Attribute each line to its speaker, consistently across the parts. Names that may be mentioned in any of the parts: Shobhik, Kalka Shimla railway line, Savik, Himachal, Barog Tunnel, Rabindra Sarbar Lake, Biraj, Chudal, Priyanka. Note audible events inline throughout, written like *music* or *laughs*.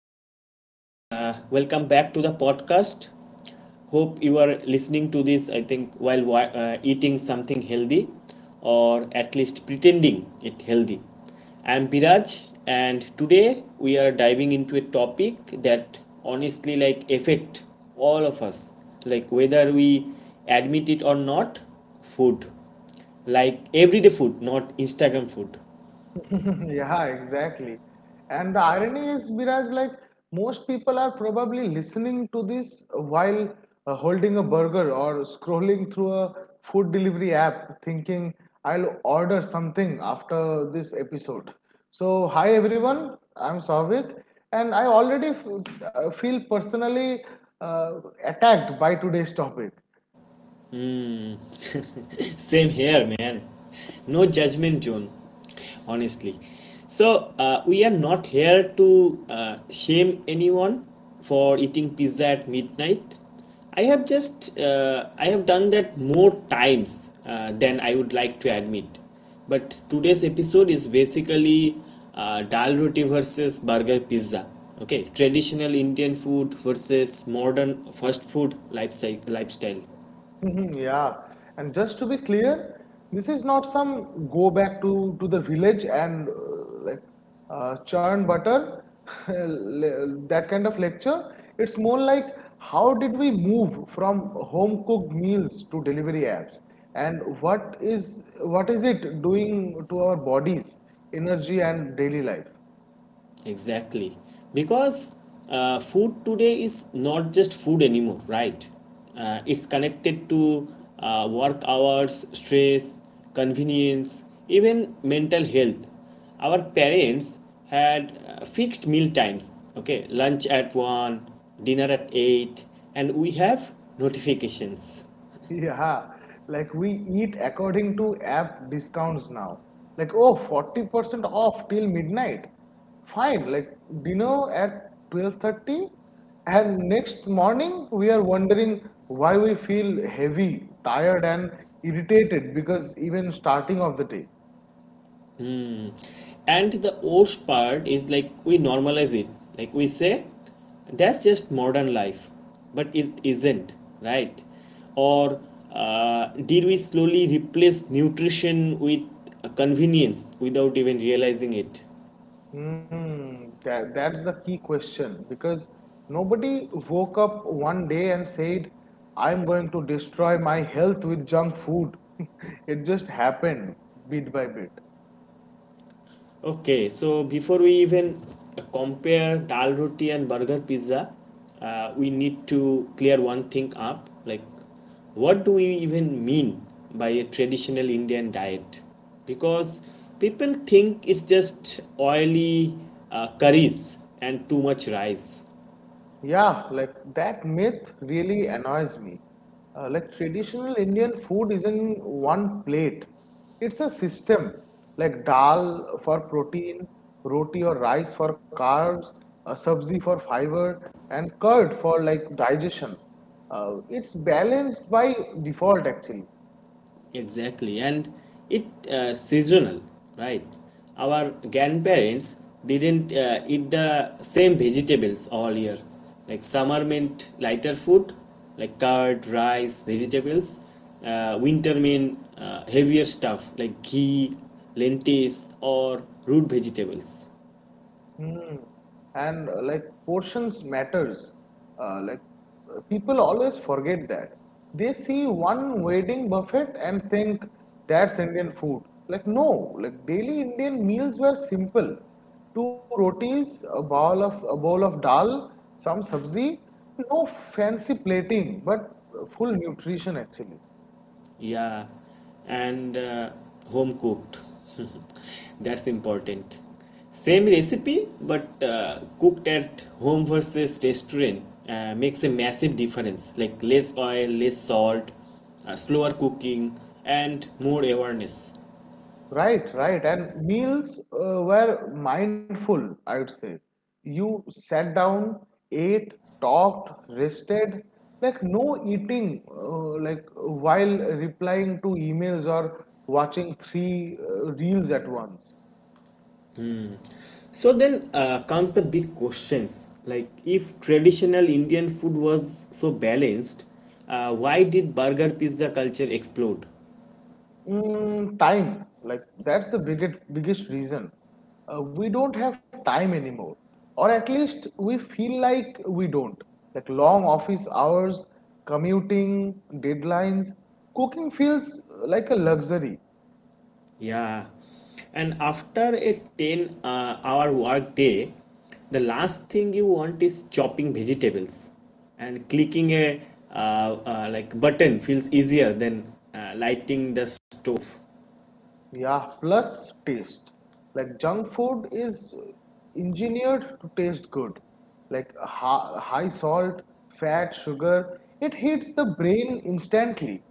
Speaker 1: everyone. Welcome back to the podcast. Hope you are listening to this, I think, while eating something healthy or at least pretending it healthy. I'm Biraj, and today we are diving into a topic that honestly like affect all of us, like whether we admit it or not, food like everyday food, not Instagram food.
Speaker 2: *laughs* Yeah, exactly. And the irony is, Biraj, like most people are probably listening to this while holding a burger or scrolling through a food delivery app, thinking I'll order something after this episode. So, hi everyone, I'm Savik, and I already feel personally uh, attacked by today's topic.
Speaker 1: *laughs* Same here, man. No judgment, June. Honestly. So, we are not here to shame anyone for eating pizza at midnight. I have done that more times than I would like to admit. But today's episode is basically dal roti versus burger pizza. Okay, traditional Indian food versus modern fast food lifestyle.
Speaker 2: Mhm. Yeah, and just to be clear, this is not some go back to the village and churn butter, *laughs* that kind of lecture. It's more like how did we move from home cooked meals to delivery apps, and what is it doing to our bodies, energy, and daily life?
Speaker 1: Exactly. Because food today is not just food anymore, right? It's connected to work hours, stress, convenience, even mental health. Our parents had fixed meal times, okay? Lunch at 1, dinner at 8, and we have notifications.
Speaker 2: Yeah, like we eat according to app discounts now. Like, oh, 40% off till midnight. Fine, like dinner at 12:30, and next morning we are wondering why we feel heavy, tired and irritated because even starting of the day.
Speaker 1: And the worst part is like we normalize it. Like we say, that's just modern life, but it isn't, right? Or did we slowly replace nutrition with convenience without even realizing it?
Speaker 2: Hmm. That's the key question because nobody woke up one day and said, I'm going to destroy my health with junk food. *laughs* It just happened bit by bit.
Speaker 1: Okay, so before we even compare dal roti and burger pizza, we need to clear one thing up. Like, what do we even mean by a traditional Indian diet? Because people think it's just oily curries and too much rice.
Speaker 2: Yeah, like that myth really annoys me. Like traditional Indian food is not one plate. It's a system, like dal for protein, roti or rice for carbs, a sabzi for fiber, and curd for like digestion. It's balanced by default actually.
Speaker 1: Exactly, and it seasonal, right? Our grandparents didn't eat the same vegetables all year. Like summer meant lighter food, like curd, rice, vegetables. Winter meant heavier stuff like ghee, lentils, or root vegetables.
Speaker 2: Mm. And portions matters. Uh, like People always forget that. They see one wedding buffet and think that's Indian food. Like no, like daily Indian meals were simple. Two rotis, a bowl of dal, some sabzi, no fancy plating, but full nutrition actually.
Speaker 1: Yeah, and home cooked. *laughs* That's important. Same recipe, but cooked at home versus restaurant makes a massive difference. Like less oil, less salt, slower cooking, and more awareness.
Speaker 2: Right, right. And meals were mindful, I would say. You sat down, ate, talked, rested. Like no eating, like while replying to emails or watching three reels at once.
Speaker 1: So then comes the big questions. Like if traditional Indian food was so balanced, why did burger pizza culture explode?
Speaker 2: Mm, time, like that's the biggest reason. We don't have time anymore, or at least we feel like we don't. Like long office hours, commuting, deadlines, cooking feels like a luxury.
Speaker 1: Yeah. And after a 10 hour work day, the last thing you want is chopping vegetables. And clicking a like button feels easier than lighting the stove.
Speaker 2: Yeah, plus taste. Like junk food is engineered to taste good. Like high salt, fat, sugar, it hits the brain instantly.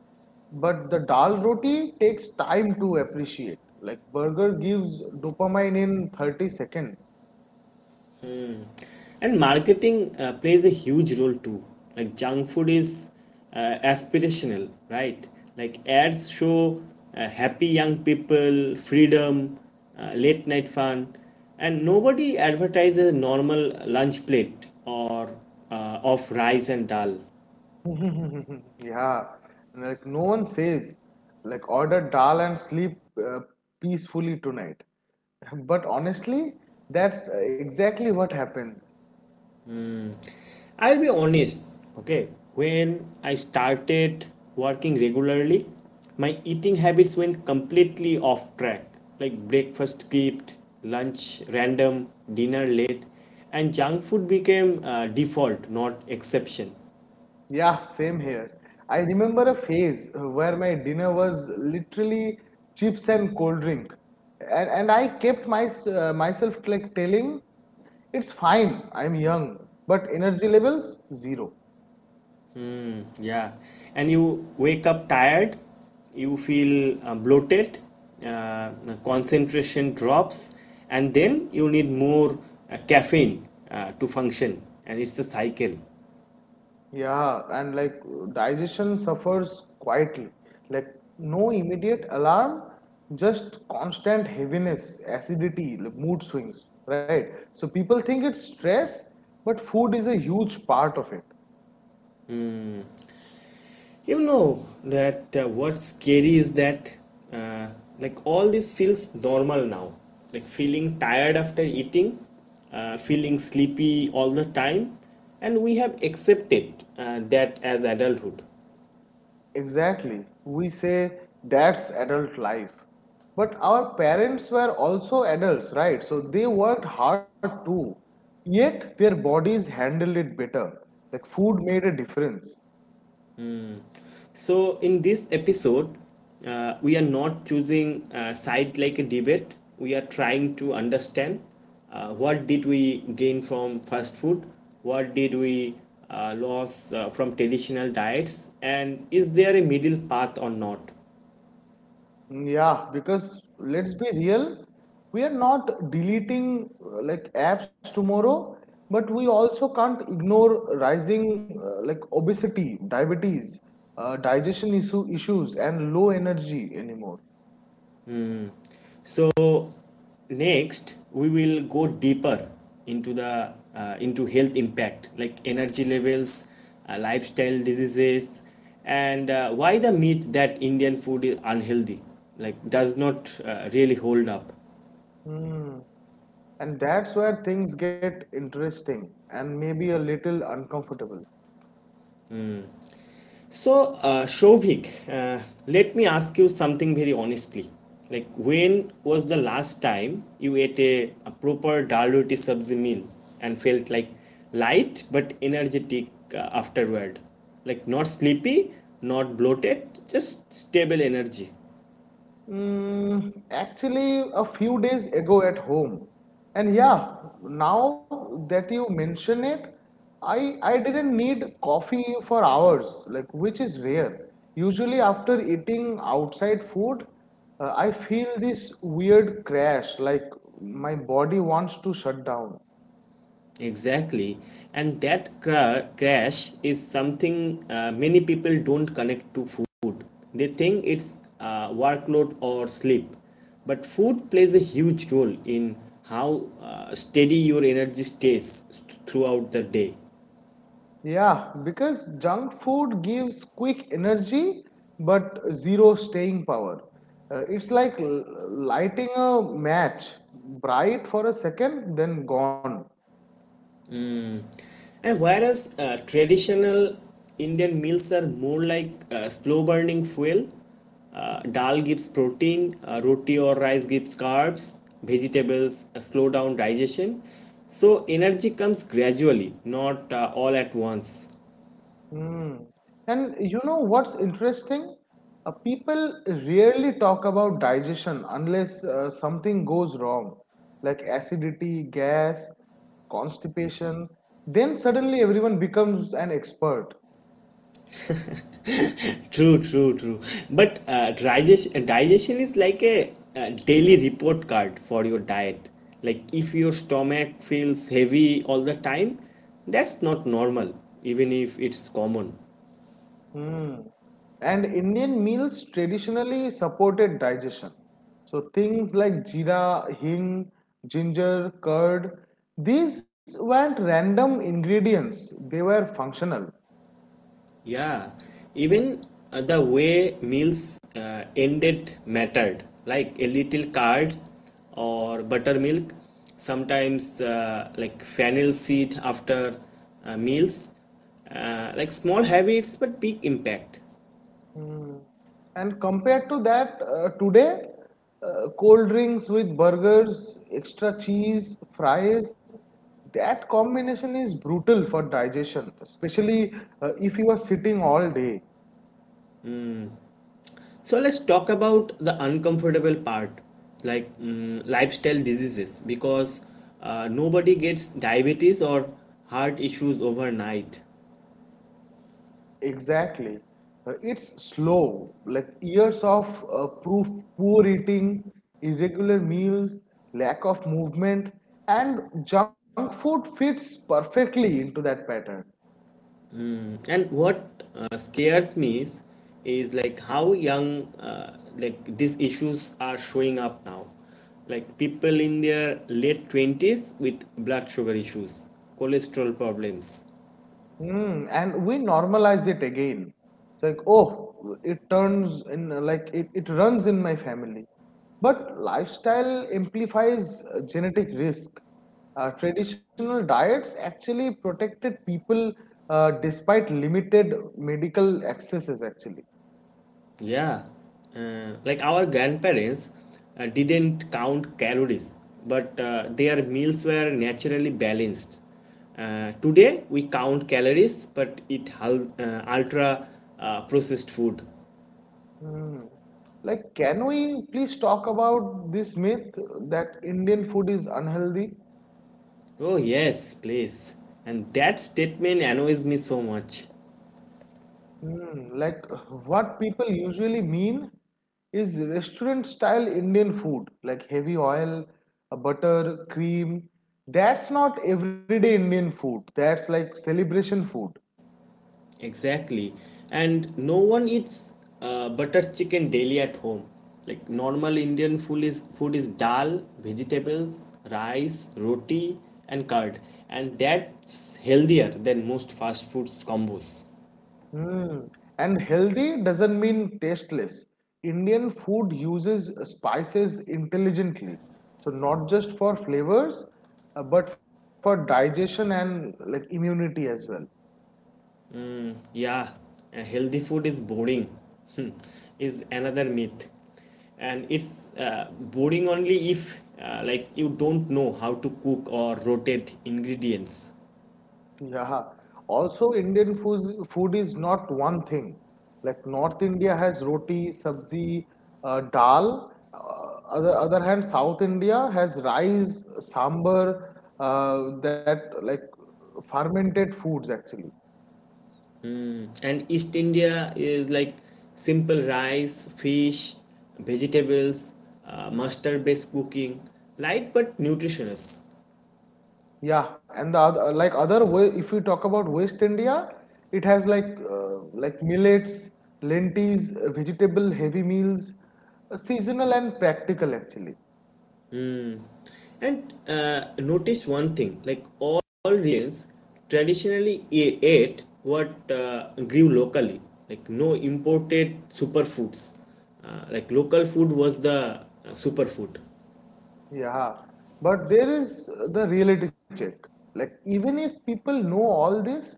Speaker 2: But the dal roti takes time to appreciate. Like burger gives dopamine in 30 seconds.
Speaker 1: And marketing plays a huge role too. Like junk food is aspirational, right? Like ads show happy young people, freedom, late night fun. And nobody advertises a normal lunch plate or of rice and dal.
Speaker 2: *laughs* Yeah, like no one says, like order dal and sleep peacefully tonight. *laughs* But honestly, that's exactly what happens.
Speaker 1: I'll be honest, okay. When I started working regularly, my eating habits went completely off track. Like breakfast skipped, lunch random, dinner late, and junk food became default, not exception.
Speaker 2: Yeah, same here. I remember a phase where my dinner was literally chips and cold drink. And I kept myself like telling it's fine, I'm young, but energy levels zero.
Speaker 1: Yeah, and you wake up tired, you feel bloated, uh, concentration drops, and then you need more caffeine to function, and it's a cycle.
Speaker 2: Yeah, and like digestion suffers quietly. Like no immediate alarm, just constant heaviness, acidity, like mood swings, right? So people think it's stress, but food is a huge part of it.
Speaker 1: You know that, what's scary is that uh, like all this feels normal now, like feeling tired after eating, feeling sleepy all the time, and we have accepted that as adulthood.
Speaker 2: Exactly. We say that's adult life. But our parents were also adults, right? So they worked hard too. Yet their bodies handled it better. Like food made a difference.
Speaker 1: So, in this episode, we are not choosing a side like a debate. We are trying to understand what did we gain from fast food, what did we lose from traditional diets, and is there a middle path or not?
Speaker 2: Yeah, because let's be real, we are not deleting like apps tomorrow, but we also can't ignore rising like obesity, diabetes, digestion issues, and low energy anymore.
Speaker 1: So next we will go deeper into health impact like energy levels, lifestyle diseases, and why the myth that Indian food is unhealthy like does not really hold up.
Speaker 2: Hmm. And that's where things get interesting and maybe a little uncomfortable.
Speaker 1: So, Shobhik, let me ask you something very honestly. Like, when was the last time you ate a proper dal roti sabzi meal and felt like light but energetic afterward? Like, not sleepy, not bloated, just stable energy.
Speaker 2: Mm, actually, a few days ago at home. And yeah, now that you mention it, I didn't need coffee for hours, like which is rare. Usually after eating outside food, I feel this weird crash, like my body wants to shut down.
Speaker 1: Exactly. And that crash is something many people don't connect to food. They think it's workload or sleep. But food plays a huge role in how steady your energy stays throughout the day.
Speaker 2: Yeah, because junk food gives quick energy but zero staying power. It's like lighting a match, bright for a second, then gone.
Speaker 1: And whereas traditional Indian meals are more like slow burning fuel. Dal gives protein, roti or rice gives carbs, vegetables slow down digestion. So energy comes gradually, not all at once.
Speaker 2: Mm. And you know what's interesting? People rarely talk about digestion unless something goes wrong, like acidity, gas, constipation. Then suddenly everyone becomes an expert.
Speaker 1: True, true, true. But digestion is like a daily report card for your diet. Like if your stomach feels heavy all the time, that's not normal, even if it's common.
Speaker 2: Hmm. And Indian meals traditionally supported digestion. So things like jeera, hing, ginger, curd, these weren't random ingredients, they were functional.
Speaker 1: Yeah, even the way meals ended mattered, like a little curd or buttermilk, sometimes like fennel seed after meals, like small habits but big impact.
Speaker 2: Hmm. And compared to that, today, cold drinks with burgers, extra cheese, fries, that combination is brutal for digestion, especially if you are sitting all day.
Speaker 1: So let's talk about the uncomfortable part, like lifestyle diseases, because nobody gets diabetes or heart issues overnight.
Speaker 2: Exactly. It's slow, like years of proof, poor eating, irregular meals, lack of movement, and junk food fits perfectly into that pattern.
Speaker 1: And what scares me is like how young like these issues are showing up now. Like people in their late 20s with blood sugar issues, cholesterol problems.
Speaker 2: Mm, and we normalize it again. It's like, oh, it turns in like it runs in my family. But lifestyle amplifies genetic risk. Traditional diets actually protected people despite limited medical accesses, actually.
Speaker 1: Yeah. Like our grandparents didn't count calories, but their meals were naturally balanced. Today we count calories, but ultra processed food.
Speaker 2: Mm. Like, can we please talk about this myth that Indian food is unhealthy?
Speaker 1: Oh, yes, please. And that statement annoys me so much.
Speaker 2: Hmm, like what people usually mean is restaurant style Indian food, like heavy oil, butter, cream. That's not everyday Indian food. That's like celebration food.
Speaker 1: Exactly. And no one eats butter chicken daily at home. Like normal Indian food is dal, vegetables, rice, roti, and curd. And that's healthier than most fast food combos.
Speaker 2: Hmm. And healthy doesn't mean tasteless. Indian food uses spices intelligently. So not just for flavors, but for digestion and like immunity as well.
Speaker 1: Yeah, healthy food is boring, *laughs* is another myth. And it's boring only if like you don't know how to cook or rotate ingredients.
Speaker 2: Yeah. Also, food is not one thing. Like North India has roti, sabzi, dal. Other hand, South India has rice, sambar, uh, that like fermented foods actually.
Speaker 1: Mm. And East India is like simple rice, fish, vegetables, mustard based cooking, light but nutritious.
Speaker 2: Yeah, and the other like other way, if you talk about West India, it has like millets, lentils, vegetable heavy meals, seasonal and practical actually.
Speaker 1: And notice one thing like all regions traditionally ate what grew locally, like no imported superfoods. Like local food was the superfood.
Speaker 2: Yeah, but there is the reality check. Like, even if people know all this,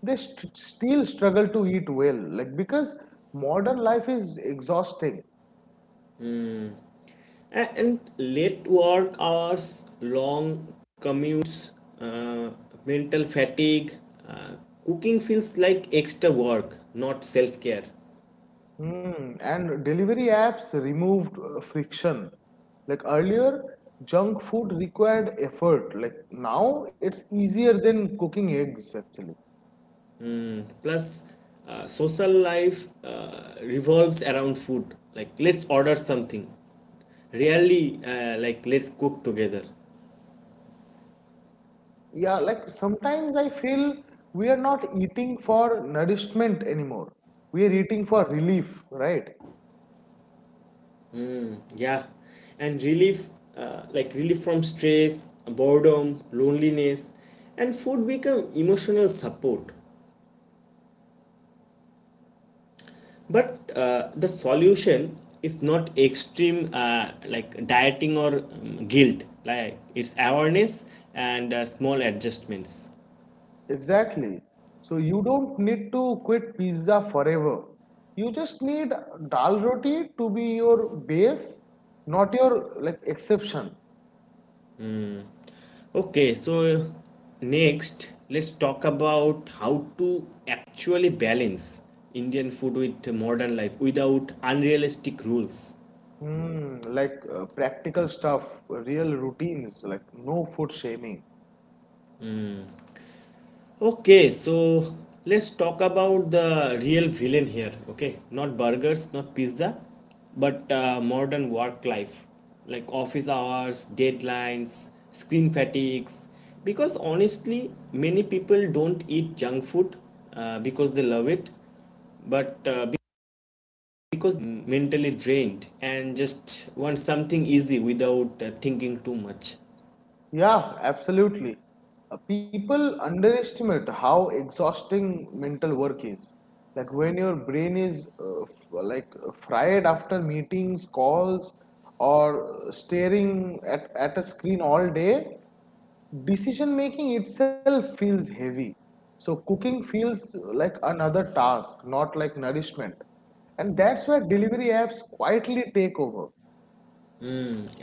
Speaker 2: they still struggle to eat well. Like, because modern life is exhausting.
Speaker 1: And late work hours, long commutes, uh, mental fatigue, uh, cooking feels like extra work, not self care.
Speaker 2: Hmm. And delivery apps removed friction. Like, earlier, junk food required effort. Like, now it's easier than cooking eggs, actually.
Speaker 1: Plus social life revolves around food, like let's order something, rarely like let's cook together.
Speaker 2: Yeah, like sometimes I feel we are not eating for nourishment anymore. We are eating for relief, right?
Speaker 1: Yeah, and relief, like relief from stress, boredom, loneliness, and food become emotional support. But the solution is not extreme, like dieting or guilt, like it's awareness and small adjustments.
Speaker 2: Exactly. So you don't need to quit pizza forever. You just need dal roti to be your base, not your like exception.
Speaker 1: Okay, so next, let's talk about how to actually balance Indian food with modern life without unrealistic rules.
Speaker 2: Hmm, like practical stuff, real routines, like no food shaming.
Speaker 1: Okay, so let's talk about the real villain here. Okay, not burgers, not pizza, but modern work life like office hours, deadlines, screen fatigues. Because honestly, many people don't eat junk food because they love it, but because mentally drained and just want something easy without thinking too much.
Speaker 2: Yeah, absolutely. People underestimate how exhausting mental work is. Like when your brain is f like fried after meetings, calls, or staring at a screen all day, decision making itself feels heavy. So cooking feels like another task, not like nourishment. And that's where delivery apps quietly take over.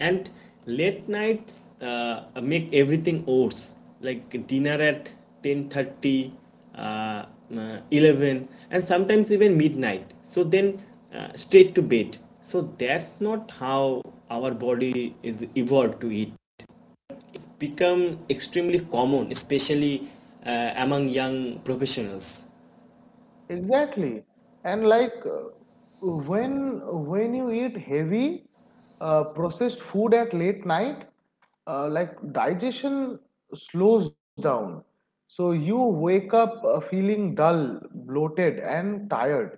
Speaker 1: And late nights uh, make everything worse, like dinner at 10:30, uh, 11, and sometimes even midnight, so then straight to bed. So that's not how our body is evolved to eat. It's become extremely common, especially among young professionals.
Speaker 2: Exactly. And when you eat heavy processed food at late night, like digestion slows down. So you wake up feeling dull, bloated, and tired.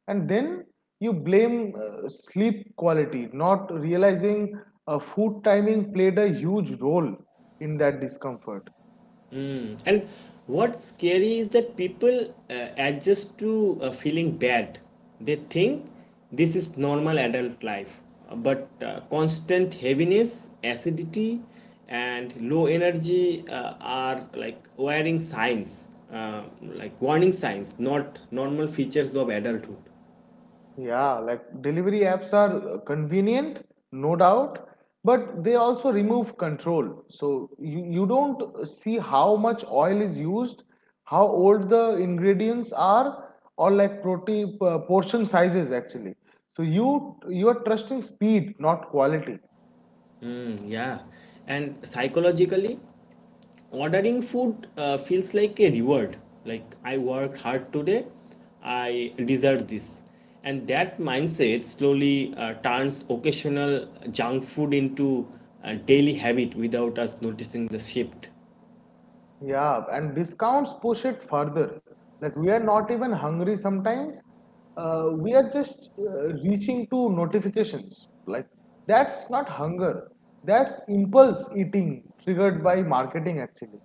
Speaker 2: And then you blame sleep quality, not realizing food timing played a huge role in that discomfort.
Speaker 1: And what's scary is that people adjust to feeling bad. They think this is normal adult life. But constant heaviness, acidity, and low energy are like warning signs, not normal features of adulthood.
Speaker 2: Yeah, like delivery apps are convenient, no doubt, but they also remove control. So you don't see how much oil is used, how old the ingredients are, or like protein portion sizes actually. So you are trusting speed, not quality.
Speaker 1: Mm, yeah, and psychologically. Ordering food feels like a reward, like I worked hard today, I deserve this. And that mindset slowly turns occasional junk food into a daily habit without us noticing the shift.
Speaker 2: Yeah, and discounts push it further. Like we are not even hungry sometimes. We are just reaching to notifications. Like that's not hunger. That's impulse eating triggered by marketing actually.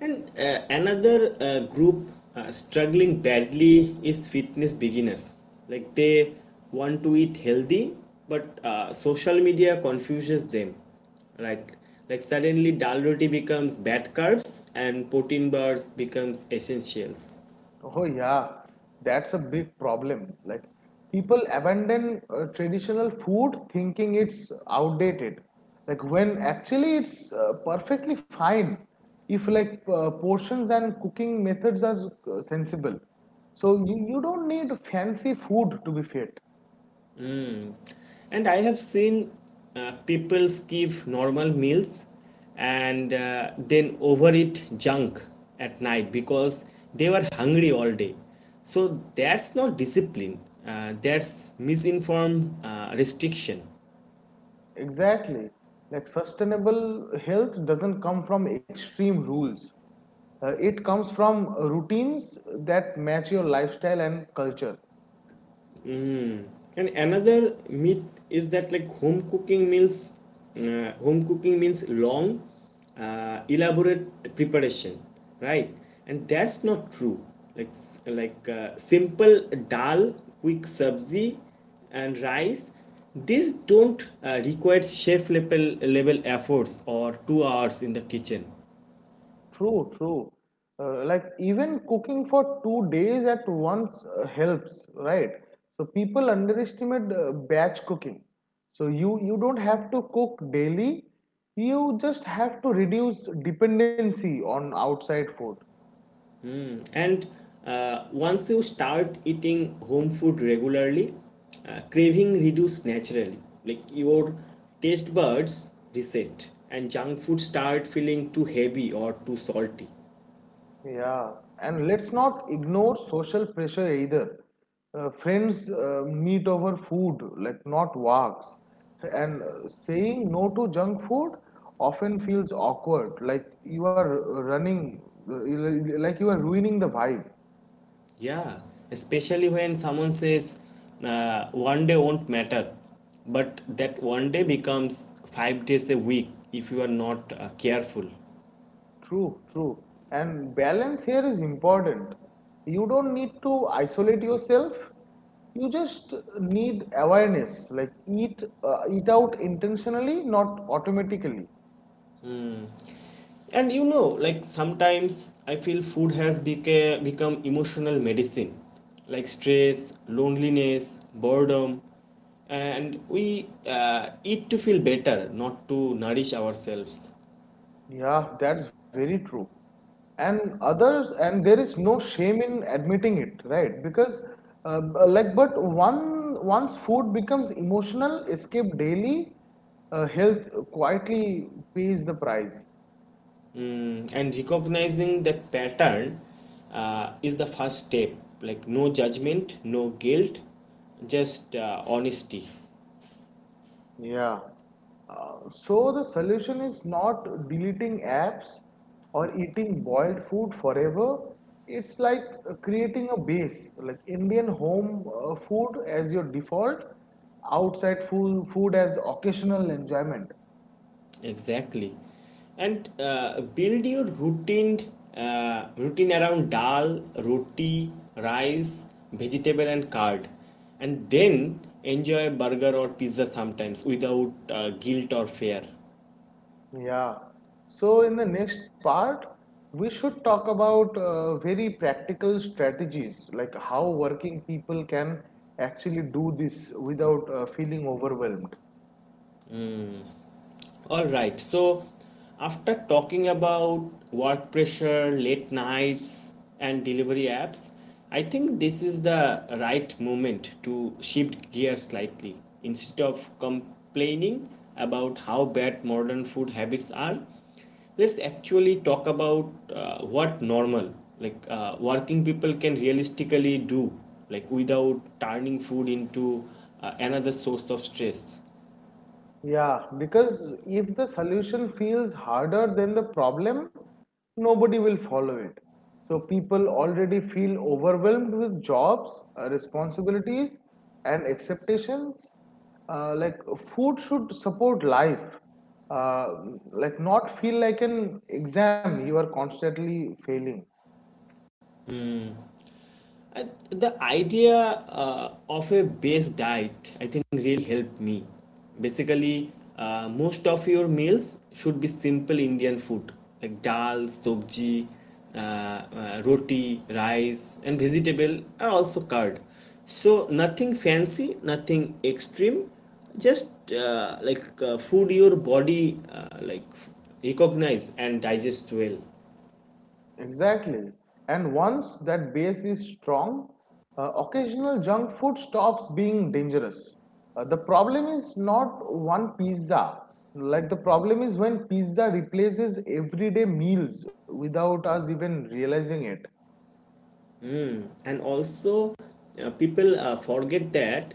Speaker 1: And another group struggling badly is fitness beginners. Like they want to eat healthy, but social media confuses them, right? Like suddenly dal roti becomes bad carbs and protein bars becomes essentials.
Speaker 2: Oh yeah, that's a big problem. Like people abandon traditional food thinking it's outdated. Like when actually it's perfectly fine if like portions and cooking methods are sensible. So you don't need fancy food to be fit.
Speaker 1: And I have seen people skip normal meals and then overeat junk at night because they were hungry all day. So that's not discipline, that's misinformed restriction.
Speaker 2: Exactly. Like sustainable health doesn't come from extreme rules. It comes from routines that match your lifestyle and culture.
Speaker 1: And another myth is that like home cooking means long, elaborate preparation, right? And that's not true. Like like simple dal, quick sabzi, and rice. These don't require chef level efforts or 2 hours in the kitchen.
Speaker 2: True, true. Like even cooking for 2 days at once helps, right? So people underestimate batch cooking. So you don't have to cook daily. You just have to reduce dependency on outside food.
Speaker 1: And once you start eating home food regularly, craving reduce naturally. Like your taste buds reset, and junk food start feeling too heavy or too salty.
Speaker 2: Yeah, and let's not ignore social pressure either. Friends meet over food, like not walks. And saying no to junk food often feels awkward, like you are like you are ruining the vibe.
Speaker 1: Yeah, especially when someone says one day won't matter, but that one day becomes 5 days a week if you are not careful.
Speaker 2: True, true. And balance here is important. You don't need to isolate yourself. You just need awareness, like eat out intentionally, not automatically.
Speaker 1: And you know, like sometimes I feel food has become emotional medicine, like stress, loneliness, boredom, and we eat to feel better, not to nourish ourselves.
Speaker 2: Yeah, that's very true. And others, and there is no shame in admitting it, right? Because, b- like, but one once food becomes emotional, escape daily, health quietly pays the price.
Speaker 1: Mm, and recognizing that pattern is the first step, like no judgment, no guilt, just honesty.
Speaker 2: Yeah. So the solution is not deleting apps or eating boiled food forever. It's like creating a base, like Indian home food as your default, outside food food as occasional enjoyment.
Speaker 1: Exactly. And build your routine around dal, roti, rice, vegetable and curd. And then enjoy burger or pizza sometimes without guilt or fear.
Speaker 2: Yeah. So in the next part, we should talk about very practical strategies, like how working people can actually do this without feeling overwhelmed.
Speaker 1: All right. So, after talking about work pressure, late nights, and delivery apps, I think this is the right moment to shift gears slightly. Instead of complaining about how bad modern food habits are, let's actually talk about what normal, working people can realistically do, like without turning food into another source of stress.
Speaker 2: Yeah, because if the solution feels harder than the problem, nobody will follow it. So people already feel overwhelmed with jobs, responsibilities, and expectations. Like food should support life, uh, like not feel like an exam you are constantly failing.
Speaker 1: The idea of a base diet, I think, really helped me. Basically, most of your meals should be simple Indian food like dal, sobji, roti, rice, and vegetable, and also curd. So, nothing fancy, nothing extreme, just food your body recognize and digest well.
Speaker 2: Exactly. And once that base is strong, occasional junk food stops being dangerous. The problem is not one pizza. Like the problem is when pizza replaces everyday meals without us even realizing it.
Speaker 1: And also people forget that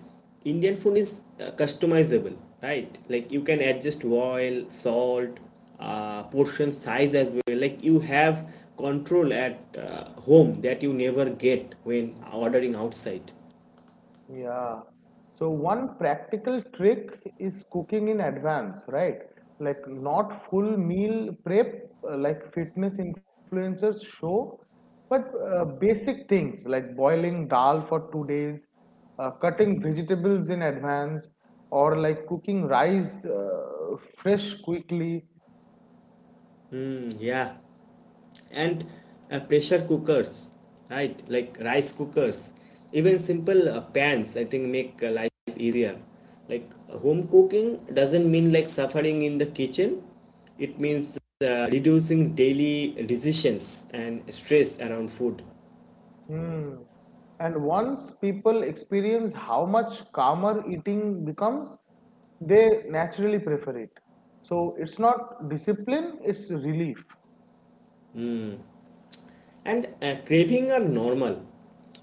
Speaker 1: Indian food is customizable, right? Like you can adjust oil, salt, portion size as well. Like you have control at home that you never get when ordering outside.
Speaker 2: Yeah. So one practical trick is cooking in advance, right? Like not full meal prep, like fitness influencers show, but basic things like boiling dal for two days, cutting vegetables in advance, or like cooking rice fresh quickly.
Speaker 1: Mm, yeah. And pressure cookers, right? Like rice cookers, even simple pans, I think, make life easier. Like home cooking doesn't mean like suffering in the kitchen. It means reducing daily decisions and stress around food.
Speaker 2: Hmm. And once people experience how much calmer eating becomes, they naturally prefer it. So it's not discipline, it's relief.
Speaker 1: And craving are normal.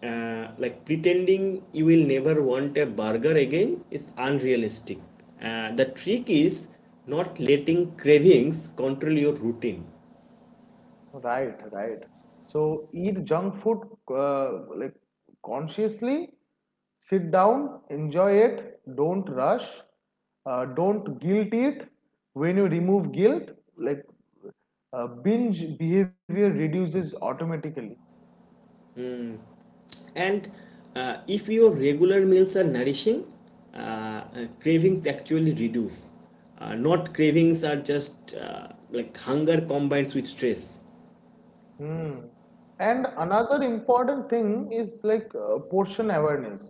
Speaker 1: Uh, like pretending you will never want a burger again is unrealistic. The trick is not letting cravings control your routine.
Speaker 2: Right, right. So eat junk food, like, consciously, sit down, enjoy it, don't rush, don't guilt it. When you remove guilt, like, binge behavior reduces automatically.
Speaker 1: And if your regular meals are nourishing, cravings actually reduce. Not cravings are just hunger combines with stress.
Speaker 2: Hmm. And another important thing is like portion awareness,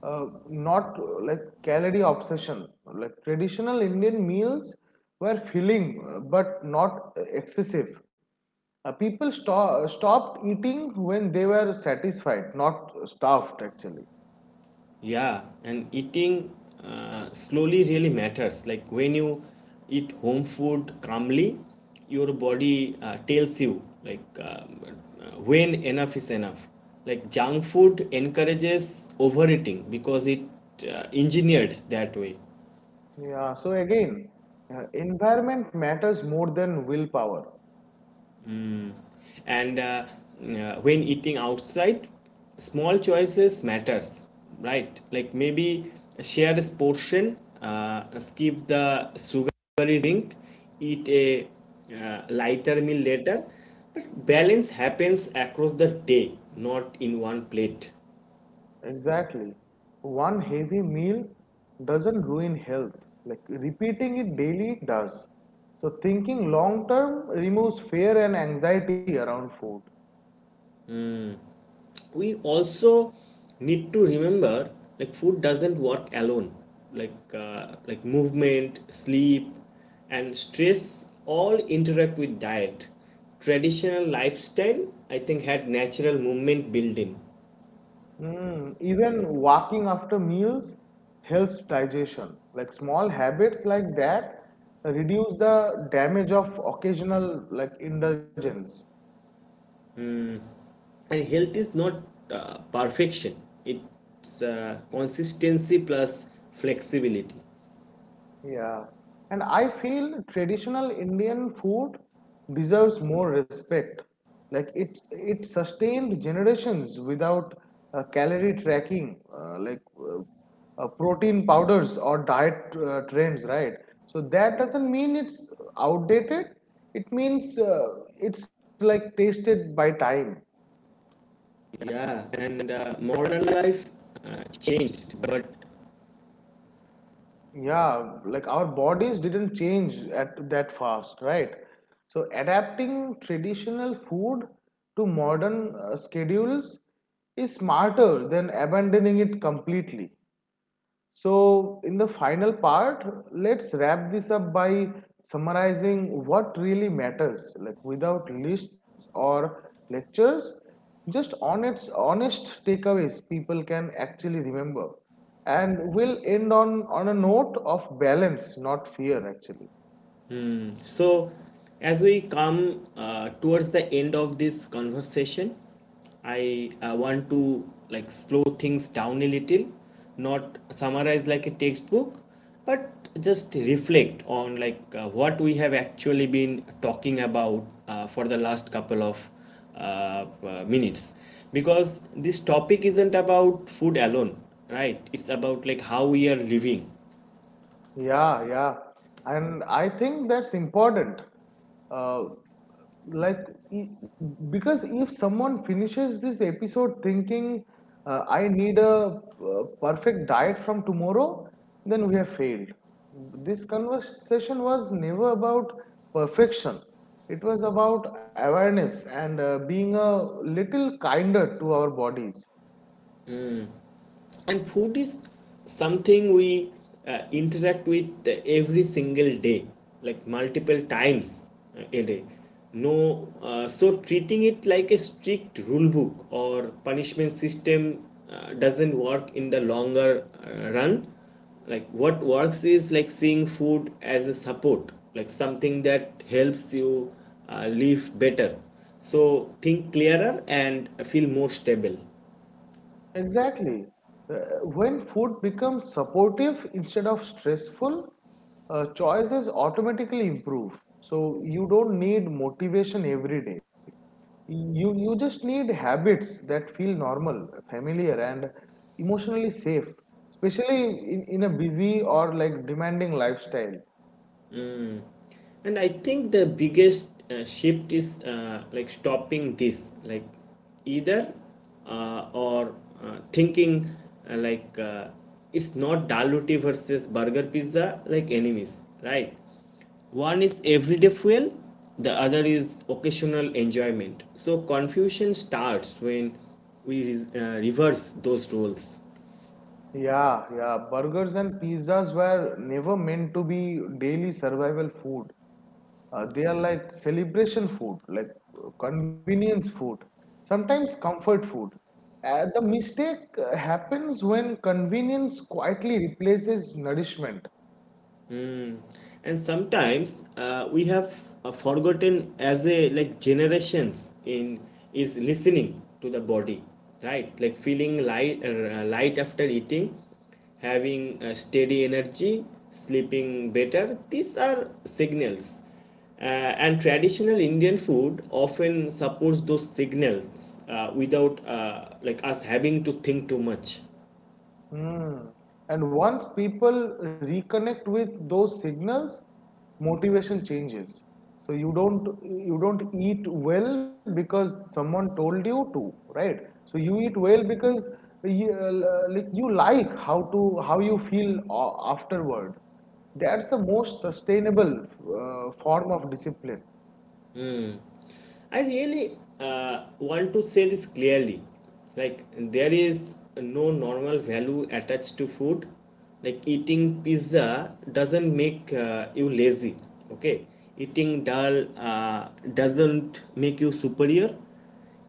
Speaker 2: not like calorie obsession. Like traditional Indian meals were filling but not excessive. People stopped eating when they were satisfied, not stuffed, actually.
Speaker 1: Yeah, and eating slowly really matters. Like when you eat home food calmly, your body tells you like when enough is enough. Like junk food encourages overeating because it engineered that way.
Speaker 2: Yeah, so again, environment matters more than willpower.
Speaker 1: And when eating outside, small choices matters, right? Like maybe share this portion, skip the sugary drink, eat a lighter meal later, but balance happens across the day, not in one plate.
Speaker 2: Exactly. One heavy meal doesn't ruin health. Like repeating it daily does. So thinking long term removes fear and anxiety around food.
Speaker 1: We also need to remember like food doesn't work alone. Like movement, sleep, and stress all interact with diet. Traditional lifestyle, I think, had natural movement built in.
Speaker 2: Mm, even walking after meals helps digestion. Like small habits like that reduce the damage of occasional like indulgence.
Speaker 1: And health is not perfection. It's consistency plus flexibility.
Speaker 2: Yeah, and I feel traditional Indian food deserves more respect. Like it sustained generations without calorie tracking, like protein powders or diet trends, right? So that doesn't mean it's outdated. It means it's like tasted by time.
Speaker 1: Yeah, and modern life changed but…
Speaker 2: Yeah, like our bodies didn't change at that fast, right? So adapting traditional food to modern schedules is smarter than abandoning it completely. So, in the final part, let's wrap this up by summarizing what really matters, like without lists or lectures, just honest, honest takeaways people can actually remember. And we'll end on a note of balance, not fear, actually.
Speaker 1: So, as we come towards the end of this conversation, I want to like slow things down a little, not summarize like a textbook, but just reflect on like what we have actually been talking about for the last couple of minutes, because this topic isn't about food alone, right? It's about like how we are living.
Speaker 2: Yeah, yeah. And I think that's important. Uh, like, e- because if someone finishes this episode thinking, I need a perfect diet from tomorrow, then we have failed. This conversation was never about perfection. It was about awareness and being a little kinder to our bodies.
Speaker 1: And food is something we interact with every single day, like multiple times a day. No so treating it like a strict rule book or punishment system doesn't work in the longer run. Like what works is like seeing food as a support, like something that helps you live better, so think clearer and feel more stable.
Speaker 2: Exactly. Uh, when food becomes supportive instead of stressful, choices automatically improve. So you don't need motivation every day. You just need habits that feel normal, familiar, and emotionally safe, especially in a busy or like demanding lifestyle.
Speaker 1: And I think the biggest shift is like stopping this like either or thinking, uh, like uh, it's not daluti versus burger pizza like enemies, right? One is everyday fuel, the other is occasional enjoyment. So confusion starts when we reverse those roles.
Speaker 2: Yeah, yeah. Burgers and pizzas were never meant to be daily survival food. They are like celebration food, like convenience food, sometimes comfort food. The mistake happens when convenience quietly replaces nourishment.
Speaker 1: And sometimes we have forgotten as a like generations in is listening to the body, right? Like feeling light, light after eating, having a steady energy, sleeping better, these are signals. Uh, and traditional Indian food often supports those signals without us having to think too much.
Speaker 2: Mm. And once people reconnect with those signals, motivation changes. So you don't eat well because someone told you to, right? So you eat well because you, like you like how you feel afterward. That's the most sustainable form of discipline.
Speaker 1: I really want to say this clearly. Like, there is no normal value attached to food. Like, eating pizza doesn't make you lazy, okay? Eating dal doesn't make you superior.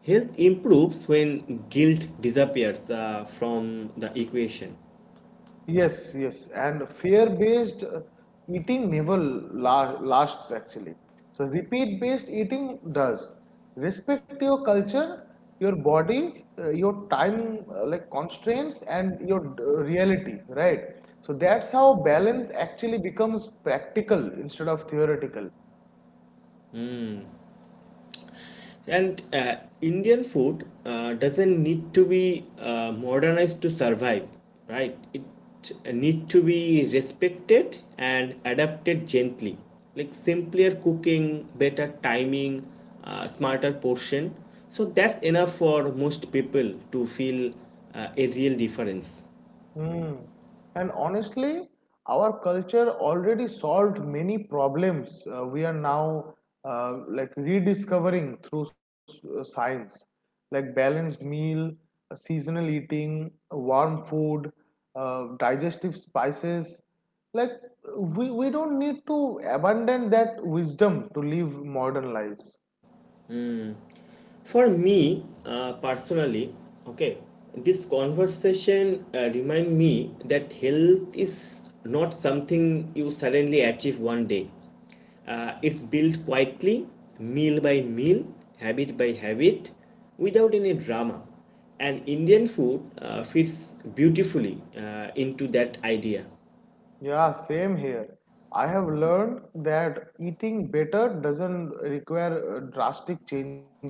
Speaker 1: Health improves when guilt disappears from the equation.
Speaker 2: Yes, yes, and fear-based eating never la lasts, actually. So repeat-based eating does. Respect your culture, your body, your time like constraints, and your reality, right? So that's how balance actually becomes practical instead of theoretical.
Speaker 1: And Indian food doesn't need to be modernized to survive, right? It need to be respected and adapted gently, like simpler cooking, better timing, smarter portion. So that's enough for most people to feel a real difference.
Speaker 2: Hmm. And honestly, our culture already solved many problems we are now like rediscovering through science, like balanced meal, seasonal eating, warm food, digestive spices. Like we don't need to abandon that wisdom to live modern lives.
Speaker 1: For me, personally, okay, this conversation remind me that health is not something you suddenly achieve one day. It's built quietly, meal by meal, habit by habit, without any drama. And Indian food fits beautifully into that idea.
Speaker 2: Yeah, same here. I have learned that eating better doesn't require drastic changes.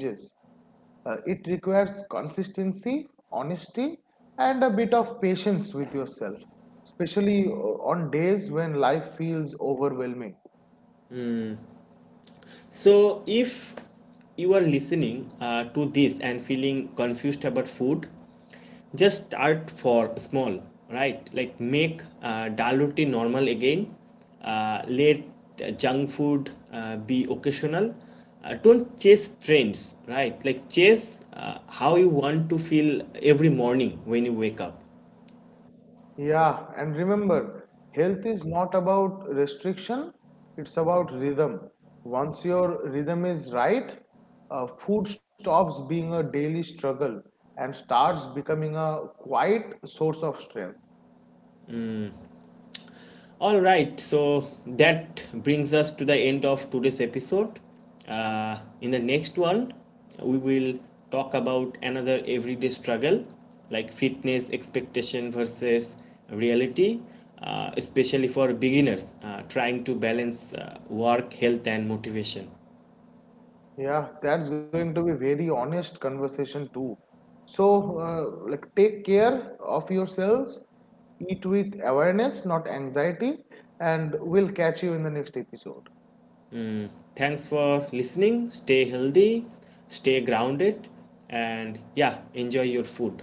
Speaker 2: It requires consistency, honesty, and a bit of patience with yourself, especially on days when life feels overwhelming.
Speaker 1: So, if you are listening to this and feeling confused about food, just start for small, right? Like make dal roti normal again. Let junk food be occasional. Don't chase trends, right? Like chase how you want to feel every morning when you wake up.
Speaker 2: Yeah, and remember, health is not about restriction, it's about rhythm. Once your rhythm is right, food stops being a daily struggle and starts becoming a quiet source of strength.
Speaker 1: All right, so that brings us to the end of today's episode. In the next one, we will talk about another everyday struggle like fitness expectation versus reality, especially for beginners trying to balance work, health, and motivation.
Speaker 2: Yeah, that's going to be very honest conversation too. So, like, take care of yourselves, eat with awareness, not anxiety, and we'll catch you in the next episode.
Speaker 1: Thanks for listening. Stay healthy, stay grounded, and yeah, enjoy your food.